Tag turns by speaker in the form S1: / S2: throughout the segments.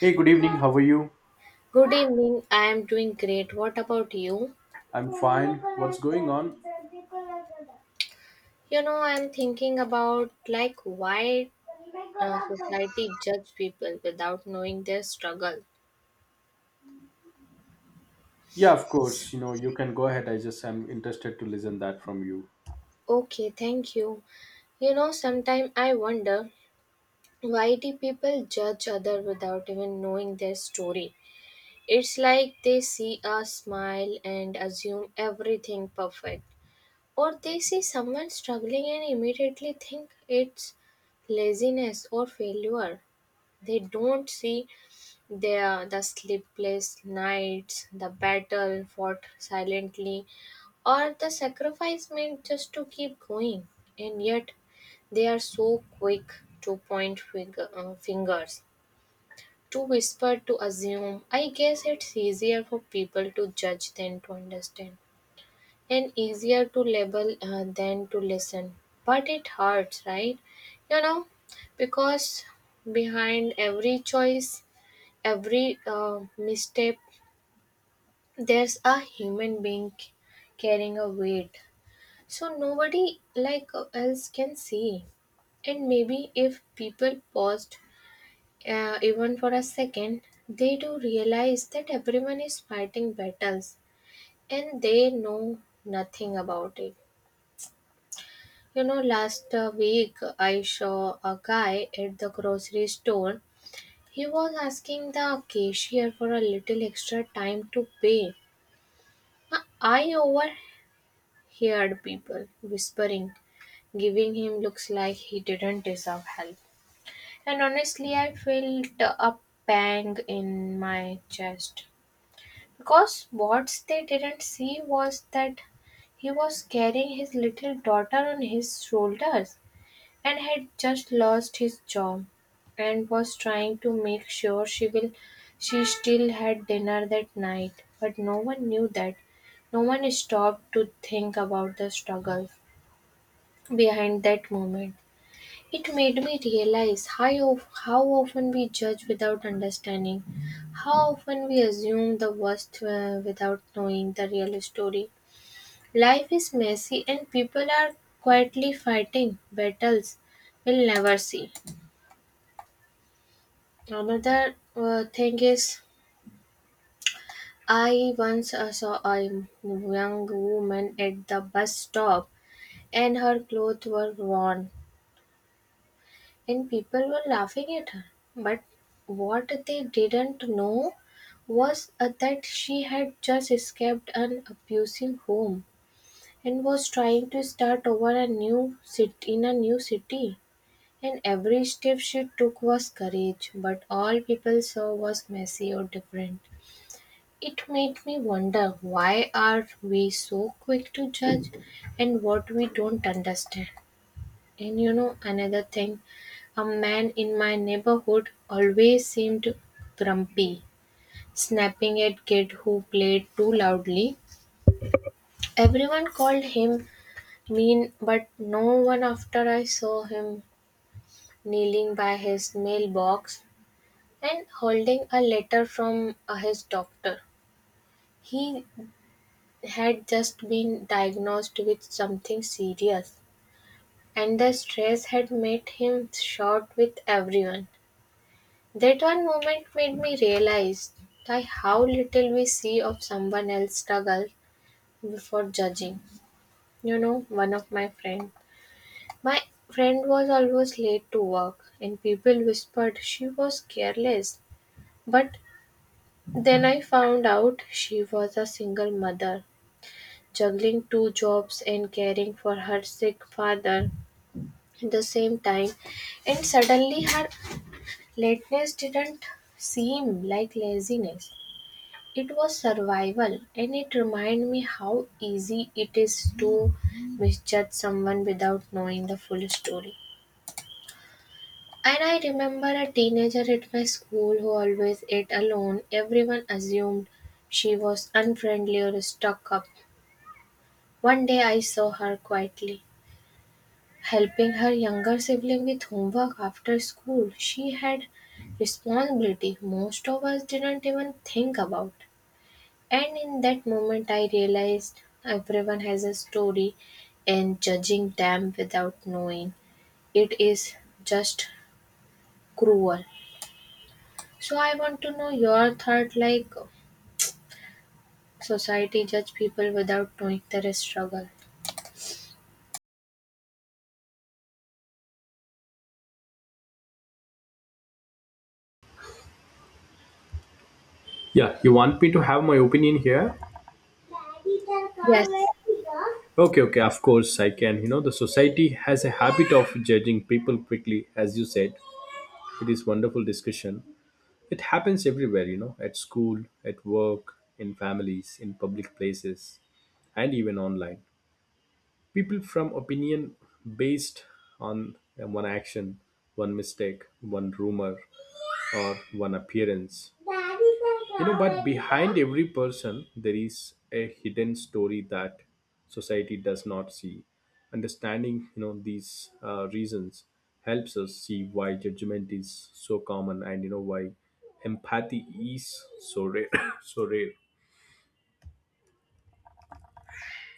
S1: Hey, good evening. How are you?
S2: Good evening. I am doing great. What about you?
S1: I'm fine. What's going on?
S2: You know, I'm thinking about like why society judge people without knowing their struggle.
S1: Yeah, of course. You know, you can go ahead. I just am interested to listen that from you.
S2: Okay, thank you. You know, sometimes I wonder why do people judge other without even knowing their story? It's like they see a smile and assume everything perfect. Or they see someone struggling and immediately think it's laziness or failure. They don't see the sleepless nights, the battle fought silently, or the sacrifice made just to keep going. And yet, they are so quick to point fingers, to whisper, to assume. I guess it's easier for people to judge than to understand, and easier to label than to listen. But it hurts, right? You know, because behind every choice, every misstep, there's a human being carrying a weight so nobody like else can see. And maybe if people paused, even for a second, they do realize that everyone is fighting battles and they know nothing about it. You know, last week I saw a guy at the grocery store. He was asking the cashier for a little extra time to pay. I overheard people whispering, giving him looks like he didn't deserve help. And honestly, I felt a pang in my chest. Because what they didn't see was that he was carrying his little daughter on his shoulders and had just lost his job and was trying to make sure she still had dinner that night, but no one knew that. No one stopped to think about the struggle behind that moment. It made me realize how, how often we judge without understanding, how often we assume the worst without knowing the real story. Life is messy, and people are quietly fighting battles we'll never see. Another thing is, I once saw a young woman at the bus stop, and her clothes were worn, and people were laughing at her. But what they didn't know was that she had just escaped an abusive home and was trying to start over a new city in a new city, and every step she took was courage, but all people saw was messy or different. It made me wonder why are we so quick to judge and what we don't understand. And you know, another thing, a man in my neighborhood always seemed grumpy, snapping at kid who played too loudly. Everyone called him mean, but no one after I saw him kneeling by his mailbox and holding a letter from his doctor. He had just been diagnosed with something serious, and the stress had made him short with everyone. That one moment made me realize that how little we see of someone else's struggle before judging. You know, one of my friends. My friend was always late to work, and people whispered she was careless. But then I found out she was a single mother juggling two jobs and caring for her sick father at the same time. And suddenly, her lateness didn't seem like laziness. It was survival, and it reminded me how easy it is to misjudge someone without knowing the full story. And I remember a teenager at my school who always ate alone. Everyone assumed she was unfriendly or stuck up. One day I saw her quietly helping her younger sibling with homework after school. She had responsibility most of us didn't even think about. And in that moment, I realized everyone has a story, and judging them without knowing it is just cruel. So, I want to know your thought like society judge people without knowing their struggle.
S1: Yeah, you want me to have my opinion here?
S2: Yes,
S1: Okay, okay, of course I can. You know, the society has a habit of judging people quickly, as you said. It is wonderful discussion. It happens everywhere, you know, at school, at work, in families, in public places, and even online. People from opinion based on one action, one mistake, one rumor, or one appearance. You know, but behind every person there is a hidden story that society does not see. Understanding, you know, these reasons helps us see why judgment is so common, and you know why empathy is so rare so rare.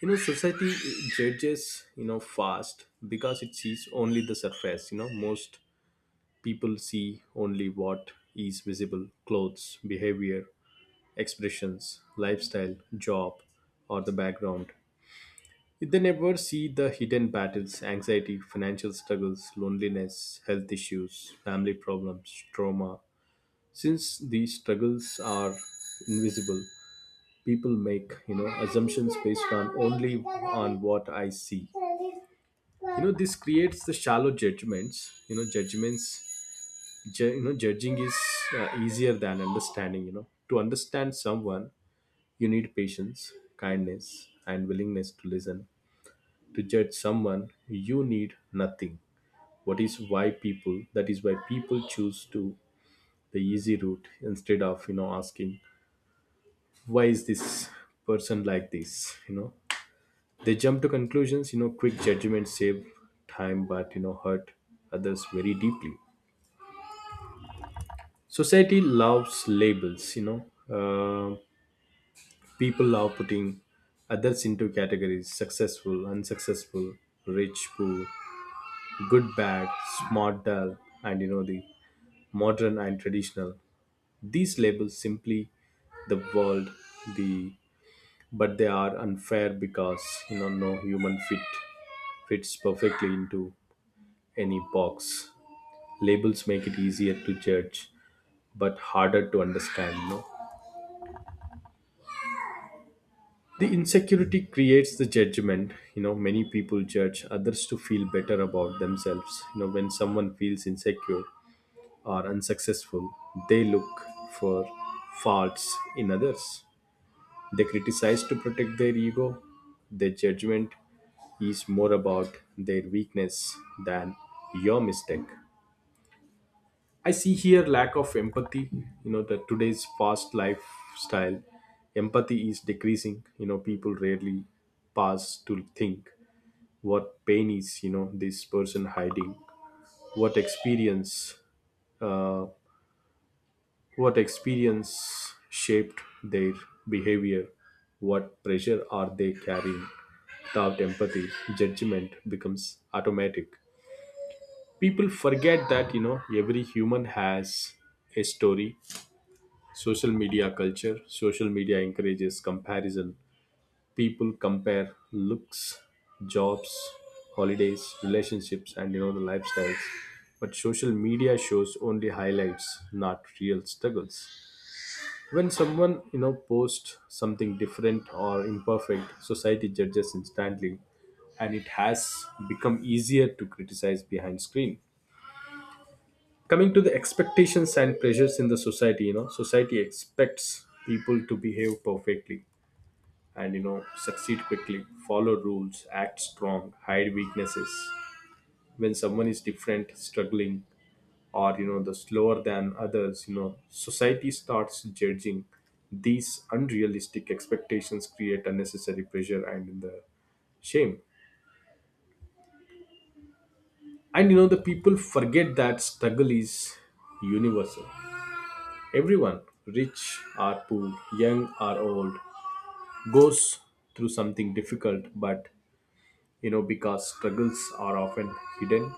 S1: You know, society judges, you know, fast because it sees only the surface. You know, most people see only what is visible: clothes, behavior, expressions, lifestyle, job, or the background. They never see the hidden battles, anxiety, financial struggles, loneliness, health issues, family problems, trauma. Since these struggles are invisible, people make, you know, assumptions based on only on what I see. You know, this creates the shallow judgments, you know, you know, judging is easier than understanding. You know, to understand someone you need patience, kindness, and willingness to listen. To judge someone, you need nothing. What is why people that is why people choose to the easy route instead of, you know, asking why is this person like this, you know. They jump to conclusions. You know, quick judgments save time but, you know, hurt others very deeply. Society loves labels. You know, uh, people love putting others into categories: successful, unsuccessful, rich, poor, good, bad, smart, dull, and you know the modern and traditional. These labels simply the world, the but they are unfair because, you know, no human fits perfectly into any box. Labels make it easier to judge but harder to understand. No, the insecurity creates the judgment. You know, many people judge others to feel better about themselves. You know, when someone feels insecure or unsuccessful, they look for faults in others. They criticize to protect their ego. Their judgment is more about their weakness than your mistake. I see here lack of empathy. You know that today's fast lifestyle, empathy is decreasing. You know, people rarely pause to think what pain is. You know, this person hiding, what experience, uh, what experience shaped their behavior, what pressure are they carrying. Without empathy, judgment becomes automatic. People forget that, you know, every human has a story. Social media culture. Social media encourages comparison. People compare looks, jobs, holidays, relationships, and you know the lifestyles. But social media shows only highlights, not real struggles. When someone, you know, posts something different or imperfect, society judges instantly, and it has become easier to criticize behind screen. Coming to the expectations and pressures in the society, you know, society expects people to behave perfectly and, you know, succeed quickly, follow rules, act strong, hide weaknesses. When someone is different, struggling, or you know the slower than others, you know, society starts judging. These unrealistic expectations create unnecessary pressure and in the shame, and you know the people forget that struggle is universal. Everyone, rich or poor, young or old, goes through something difficult, but you know, because struggles are often hidden,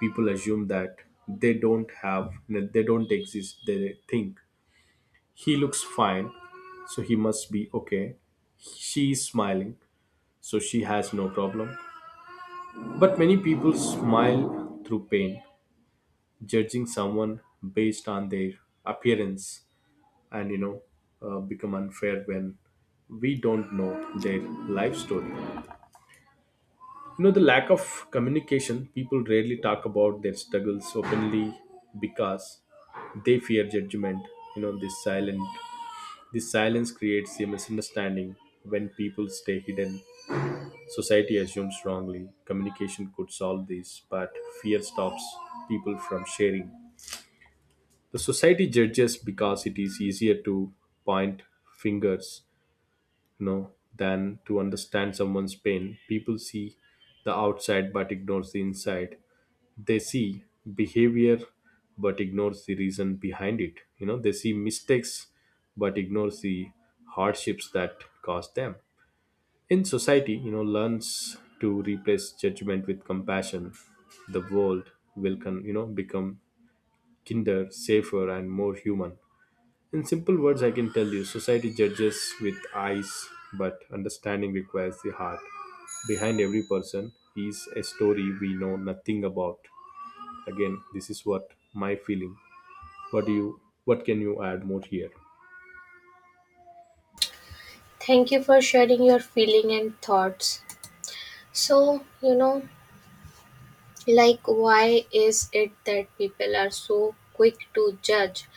S1: people assume that they don't have, they don't exist. They think he looks fine, so he must be okay. She is smiling, so she has no problem. But many people smile through pain, judging someone based on their appearance, and you know become unfair when we don't know their life story. You know the lack of communication, people rarely talk about their struggles openly because they fear judgment. You know, this silence creates a misunderstanding. When people stay hidden, society assumes wrongly. Communication could solve this, but fear stops people from sharing. The society judges because it is easier to point fingers, no, than to understand someone's pain. People see the outside but ignores the inside. They see behavior but ignores the reason behind it. You know, they see mistakes but ignores the hardships that caused them. In society, you know, learns to replace judgment with compassion, the world will you know become kinder, safer, and more human. In simple words, I can tell you society judges with eyes, but understanding requires the heart. Behind every person is a story we know nothing about. Again, this is what my feeling. What do you what can you add more here?
S2: thank you for sharing your feeling and thoughts. So, you know, like, why is it that people are so quick to judge?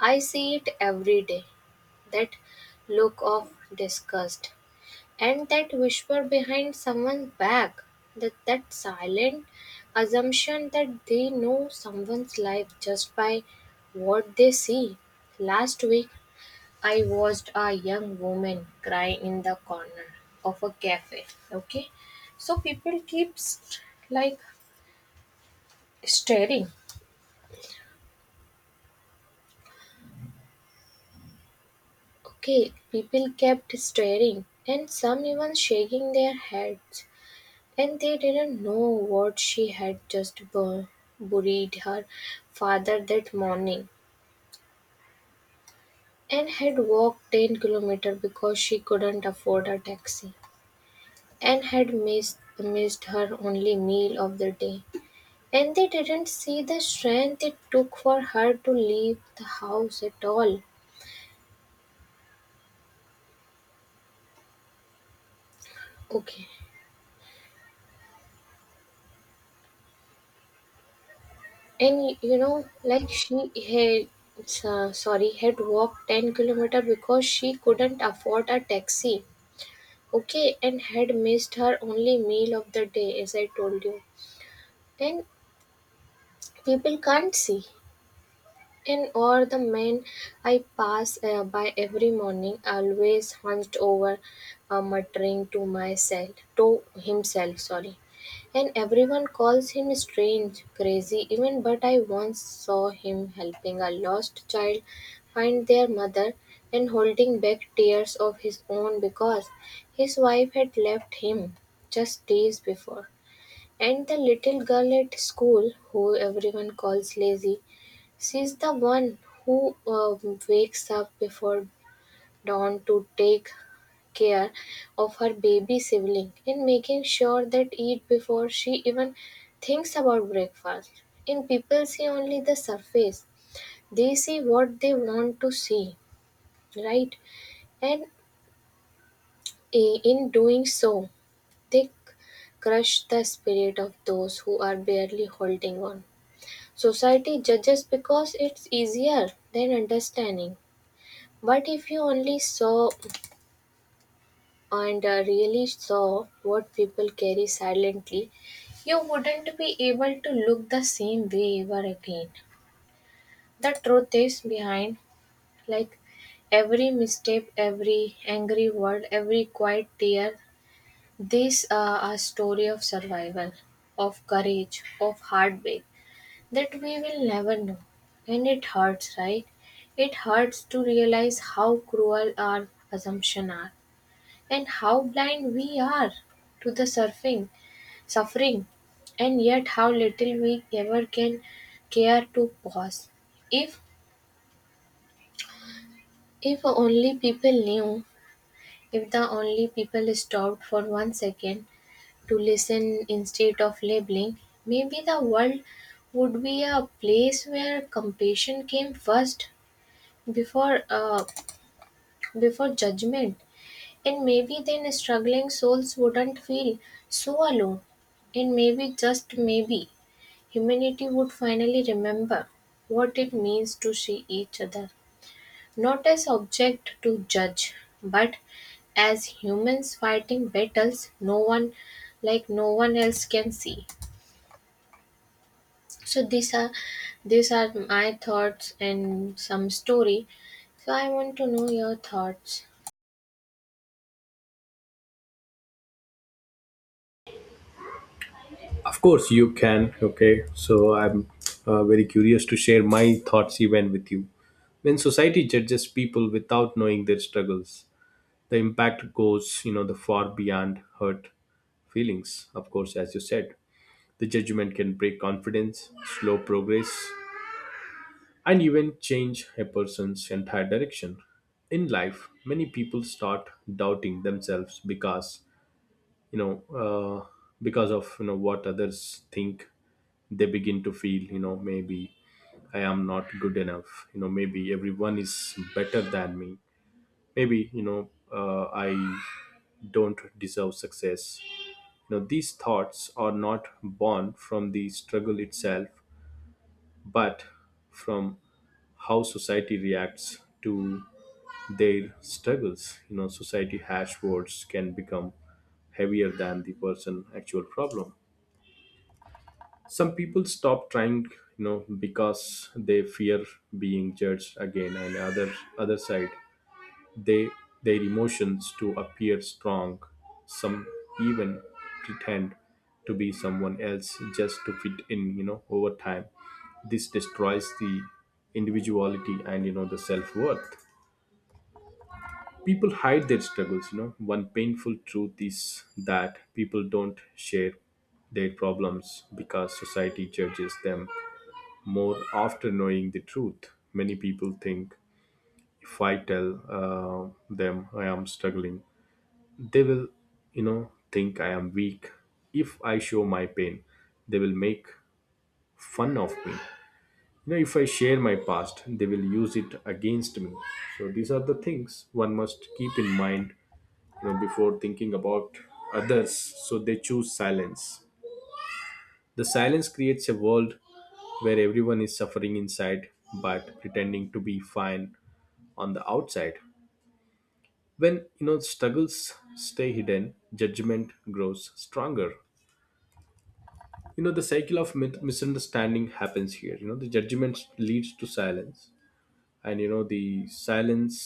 S2: I see it every day, that look of disgust and that whisper behind someone's back, that silent assumption that they know someone's life just by what they see. Last week, I watched a young woman cry in the corner of a cafe. Okay, so people keep st- like staring Okay, people kept staring, and some even shaking their heads, and they didn't know what she had just buried her father that morning, and had walked 10 kilometers because she couldn't afford a taxi, and had missed her only meal of the day. And they didn't see the strength it took for her to leave the house at all. Okay. And you know, like she had, sorry, had walked 10-kilometer because she couldn't afford a taxi. Okay, and had missed her only meal of the day, as I told you. Then people can't see. And o'er the men I pass by every morning, always hunched over, muttering to myself, to himself, sorry. And everyone calls him strange, crazy, even. But I once saw him helping a lost child find their mother and holding back tears of his own because his wife had left him just days before. And the little girl at school, who everyone calls lazy, she's the one who wakes up before dawn to take care of her baby sibling and making sure that eat before she even thinks about breakfast. And people see only the surface. They see what they want to see, right? And in doing so, they crush the spirit of those who are barely holding on. Society judges because it's easier than understanding. But if you only saw and really saw what people carry silently, you wouldn't be able to look the same way ever again. The truth is behind, like every misstep, every angry word, every quiet tear, these are a story of survival, of courage, of heartbreak that we will never know. And it hurts, right? It hurts to realize how cruel our assumptions are, and how blind we are to the suffering, and yet how little we ever can care to pause. If if only people knew, if the only people stopped for one second to listen instead of labeling, maybe the world would be a place where compassion came first before uh, before judgment. And maybe then struggling souls wouldn't feel so alone. And maybe, just maybe, humanity would finally remember what it means to see each other, not as object to judge, but as humans fighting battles no one else can see. So these are my thoughts and some story. So I want to know your thoughts.
S1: Of course you can, okay? So I'm very curious to share my thoughts even with you. When society judges people without knowing their struggles, the impact goes, you know, the far beyond hurt feelings, of course, as you said. The judgment can break confidence, slow progress, and even change a person's entire direction. In life, many people start doubting themselves because you know uh, because of, you know, what others think. They begin to feel, you know, maybe I am not good enough. You know, maybe everyone is better than me. Maybe, you know, I don't deserve success. You know, these thoughts are not born from the struggle itself, but from how society reacts to their struggles. You know, society hash words can become heavier than the person actual problem. Some people stop trying, you know, because they fear being judged again. And other side, they their emotions to appear strong. Some even pretend to be someone else just to fit in. You know, over time, this destroys the individuality and you know the self worth. People hide their struggles. You know, one painful truth is that people don't share their problems because society judges them more after knowing the truth. Many people think, if I tell them I am struggling, they will, you know, think I am weak. If I show my pain, they will make fun of me. You know, if I share my past, they will use it against me. So these are the things one must keep in mind, you know, before thinking about others. So they choose silence. The silence creates a world where everyone is suffering inside but pretending to be fine on the outside. When, you know, struggles stay hidden, judgment grows stronger. You know, the cycle of misunderstanding happens here. You know, the judgment leads to silence, and you know the silence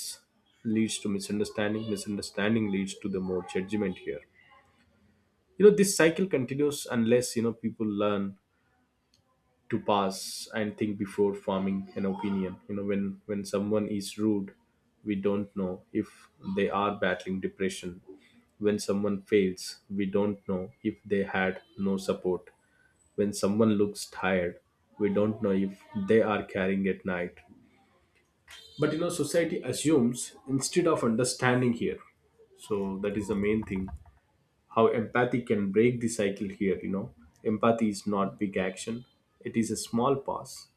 S1: leads to misunderstanding. Misunderstanding leads to the more judgment here. You know, this cycle continues unless, you know, people learn to pause and think before forming an opinion. You know, when someone is rude, we don't know if they are battling depression. When someone fails, we don't know if they had no support. When someone looks tired, we don't know if they are carrying at night. But, you know, society assumes instead of understanding here. So that is the main thing. How empathy can break the cycle here, you know, empathy is not big action. It is a small pause.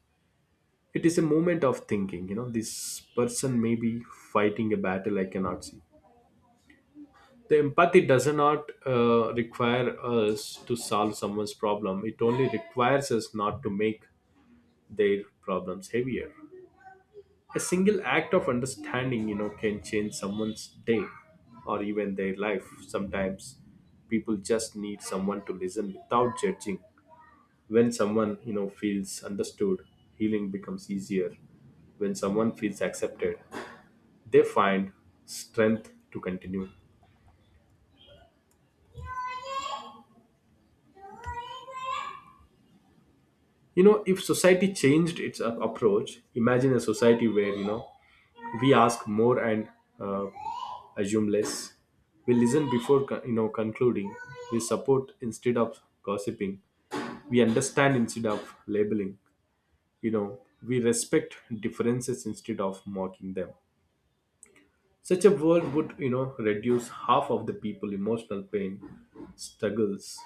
S1: It is a moment of thinking, you know, this person may be fighting a battle I cannot see. The empathy does not require us to solve someone's problem. It only requires us not to make their problems heavier. A single act of understanding, you know, can change someone's day or even their life. Sometimes people just need someone to listen without judging. When someone, you know, feels understood, healing becomes easier. When someone feels accepted, they find strength to continue. You know, if society changed its approach, imagine a society where, you know, we ask more and uh, assume less. We listen before you know concluding. We support instead of gossiping. We understand instead of labeling. You know, we respect differences instead of mocking them. Such a world would, you know, reduce half of the people emotional pain. Struggles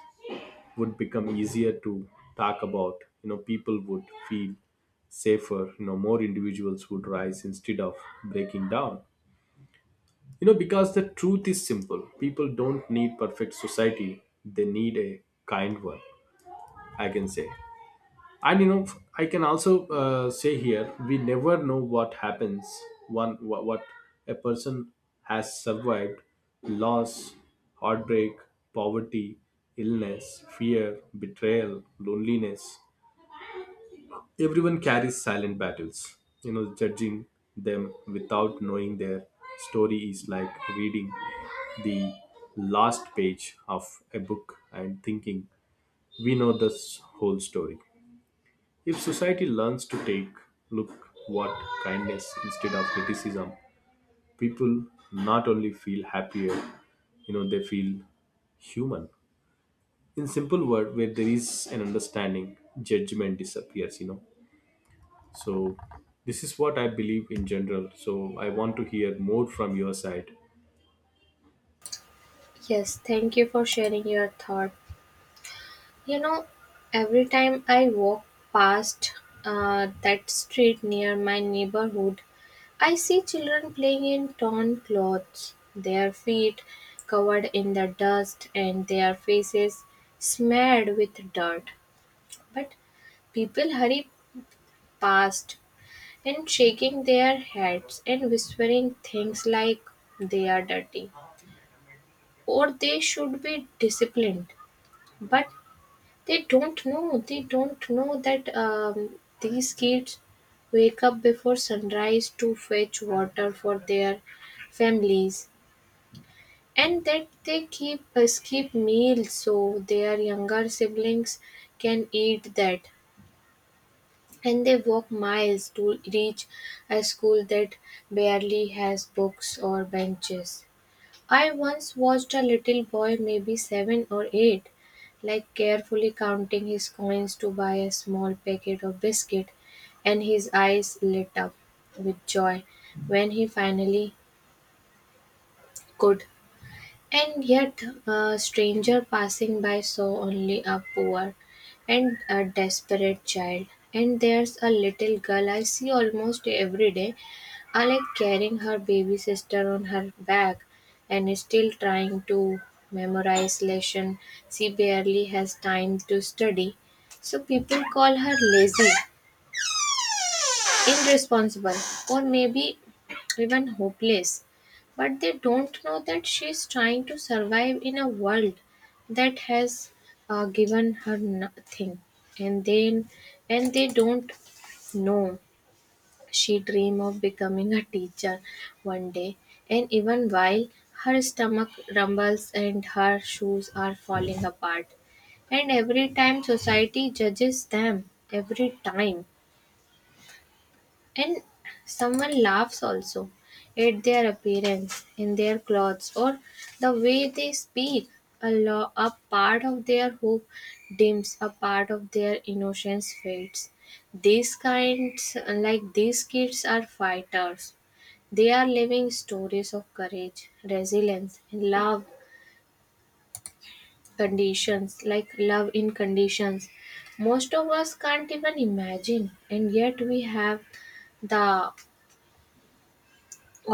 S1: would become easier to talk about. You know, people would feel safer, you know, more individuals would rise instead of breaking down. You know, because the truth is simple. People don't need perfect society, they need a kind one, I can say. And you know, I can also say here, we never know what happens, one what a person has survived: loss, heartbreak, poverty, illness, fear, betrayal, loneliness. Everyone carries silent battles. You know, judging them without knowing their story is like reading the last page of a book and thinking we know this whole story. If society learns to take look what kindness instead of criticism, people not only feel happier, you know, they feel human. In simple word, where there is an understanding, judgment disappears, you know. So this is what I believe in general. So I want to hear more from your side.
S2: Yes, thank you for sharing your thoughts. You know, every time I walk past that street near my neighborhood, I see children playing in torn clothes, their feet covered in the dust and their faces smeared with dirt. But people hurry past and shaking their heads and whispering things like they are dirty or they should be disciplined. But they don't know. They don't know that these kids wake up before sunrise to fetch water for their families, and that they keep skip meals so their younger siblings can eat that. And they walk miles to reach a school that barely has books or benches. I once watched a little boy, maybe seven or eight, like carefully counting his coins to buy a small packet of biscuit, and his eyes lit up with joy when he finally could. And yet, a stranger passing by saw only a poor and a desperate child. And there's a little girl I see almost every day, I like carrying her baby sister on her back and is still trying to memorize lesson. She barely has time to study. So people call her lazy, irresponsible, or maybe even hopeless. But they don't know that she's trying to survive in a world that has given her nothing, and then and they don't know she dream of becoming a teacher one day. And even while her stomach rumbles and her shoes are falling apart, and every time society judges them, every time and someone laughs also at their appearance, in their clothes, or the way they speak. A part of their hope dims, a part of their innocence fades. These kinds, like these kids, are fighters. They are living stories of courage, resilience, and love in conditions most of us can't even imagine, and yet we have the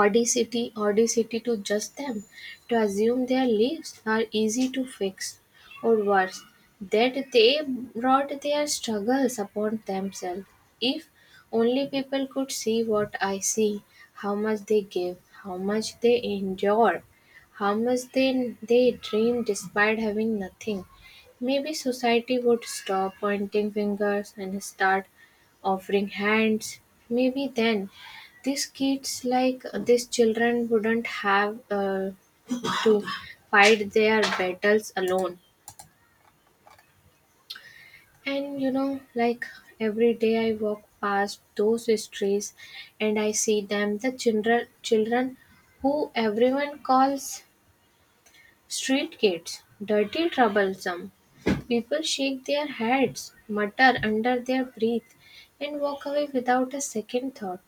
S2: audacity to judge them, to assume their lives are easy to fix, or worse, that they brought their struggles upon themselves. If only people could see what I see, how much they give, how much they endure, how much they dream despite having nothing. Maybe society would stop pointing fingers and start offering hands. Maybe then these kids like these children wouldn't have to fight their battles alone. And you know, like every day I walk past those streets, and I see them, the children who everyone calls street kids, dirty, troublesome. People shake their heads, mutter under their breath, and walk away without a second thought.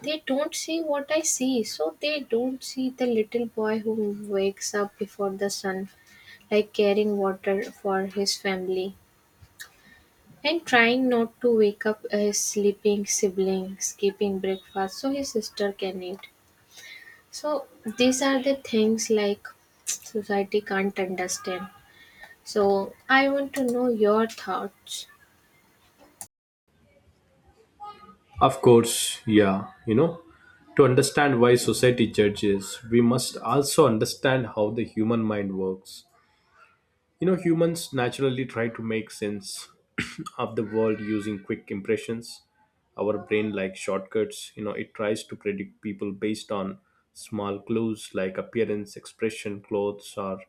S2: They don't see what I see. So they don't see the little boy who wakes up before the sun, like carrying water for his family and trying not to wake up his sleeping sibling, skipping breakfast so his sister can eat. So these are the things like society can't understand. So I want to know your thoughts.
S1: Of course, yeah, you know, to understand why society judges, we must also understand how the human mind works. You know, humans naturally try to make sense of the world using quick impressions. Our brain likes shortcuts. You know, it tries to predict people based on small clues like appearance, expression, clothes, or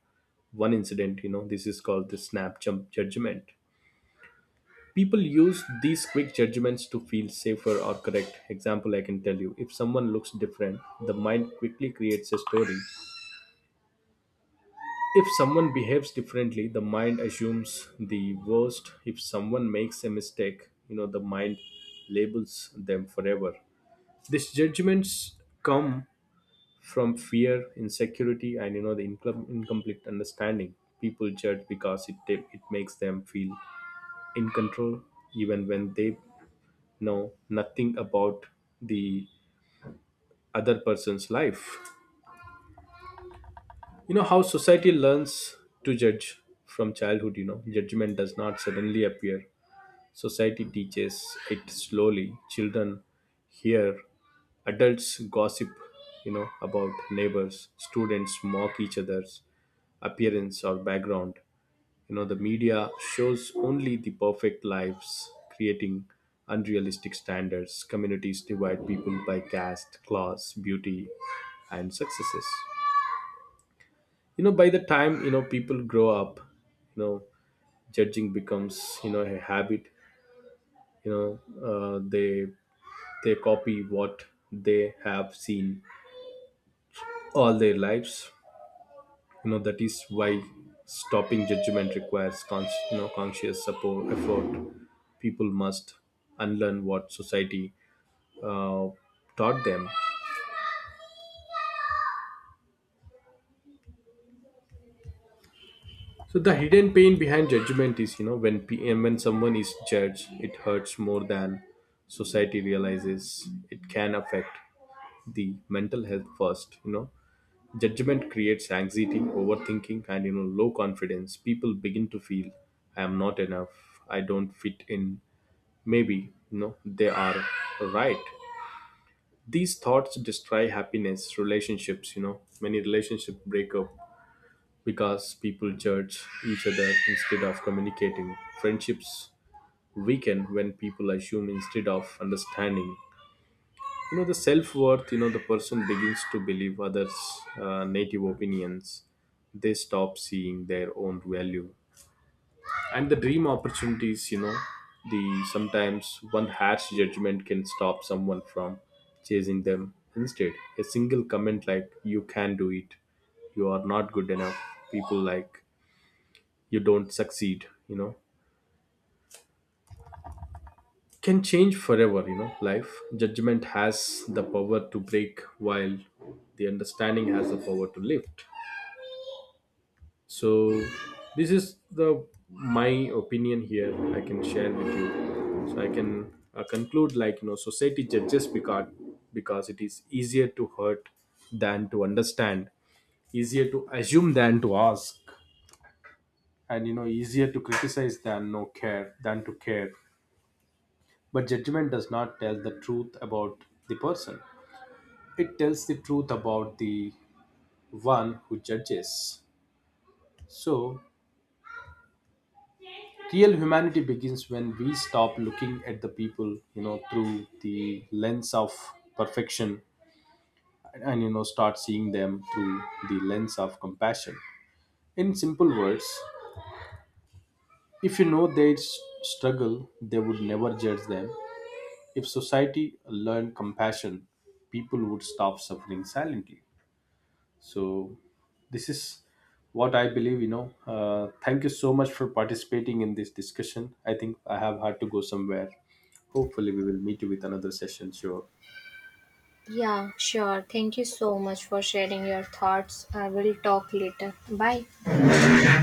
S1: one incident. You know, this is called the snap jump judgment. People use these quick judgments to feel safer or correct. Example, I can tell you, if someone looks different, the mind quickly creates a story. If someone behaves differently, the mind assumes the worst. If someone makes a mistake, you know, the mind labels them forever. These judgments come from fear, insecurity, and you know, the incomplete understanding. People judge because it makes them feel in control, even when they know nothing about the other person's life. You know how society learns to judge from childhood. You know, judgment does not suddenly appear. Society teaches it slowly. Children hear adults gossip, you know, about neighbors. Students mock each other's appearance or background. You know, the media shows only the perfect lives, creating unrealistic standards. Communities divide people by caste, class, beauty, and successes. You know, by the time, you know, people grow up, you know, judging becomes, you know, a habit. You know, uh, they they copy what they have seen all their lives, you know. That is why stopping judgment requires conscious support effort. People must unlearn what society uh, taught them. So the hidden pain behind judgment is, you know, and when someone is judged, it hurts more than society realizes. It can affect the mental health first, you know. Judgment creates anxiety, overthinking, and you know, low confidence. People begin to feel I am not enough, I don't fit in. Maybe, you know, they are right. These thoughts destroy happiness, relationships. You know, many relationships break up because people judge each other instead of communicating. Friendships weaken when people assume instead of understanding. You know, the self-worth, you know, the person begins to believe others' native opinions. They stop seeing their own value. And the dream opportunities, you know, the sometimes one harsh judgment can stop someone from chasing them. Instead, a single comment like you can do it, you are not good enough, people like you don't succeed, you know, can change forever, you know, life. Judgment has the power to break, while the understanding has the power to lift. So this is the my opinion here I can share with you. So I can conclude like, you know, society judges because it is easier to hurt than to understand, easier to assume than to ask, and you know, easier to criticize than no care, than to care. But judgment does not tell the truth about the person. It tells the truth about the one who judges. So real humanity begins when we stop looking at the people, you know, through the lens of perfection, and you know, start seeing them through the lens of compassion. In simple words, if you know their struggle, they would never judge them. If society learned compassion, people would stop suffering silently. So this is what I believe, you know. Thank you so much for participating in this discussion. I think I have had to go somewhere. Hopefully we will meet you with another session. Sure.
S2: Yeah, sure. Thank you so much for sharing your thoughts. I will talk later. Bye.
S1: Bye.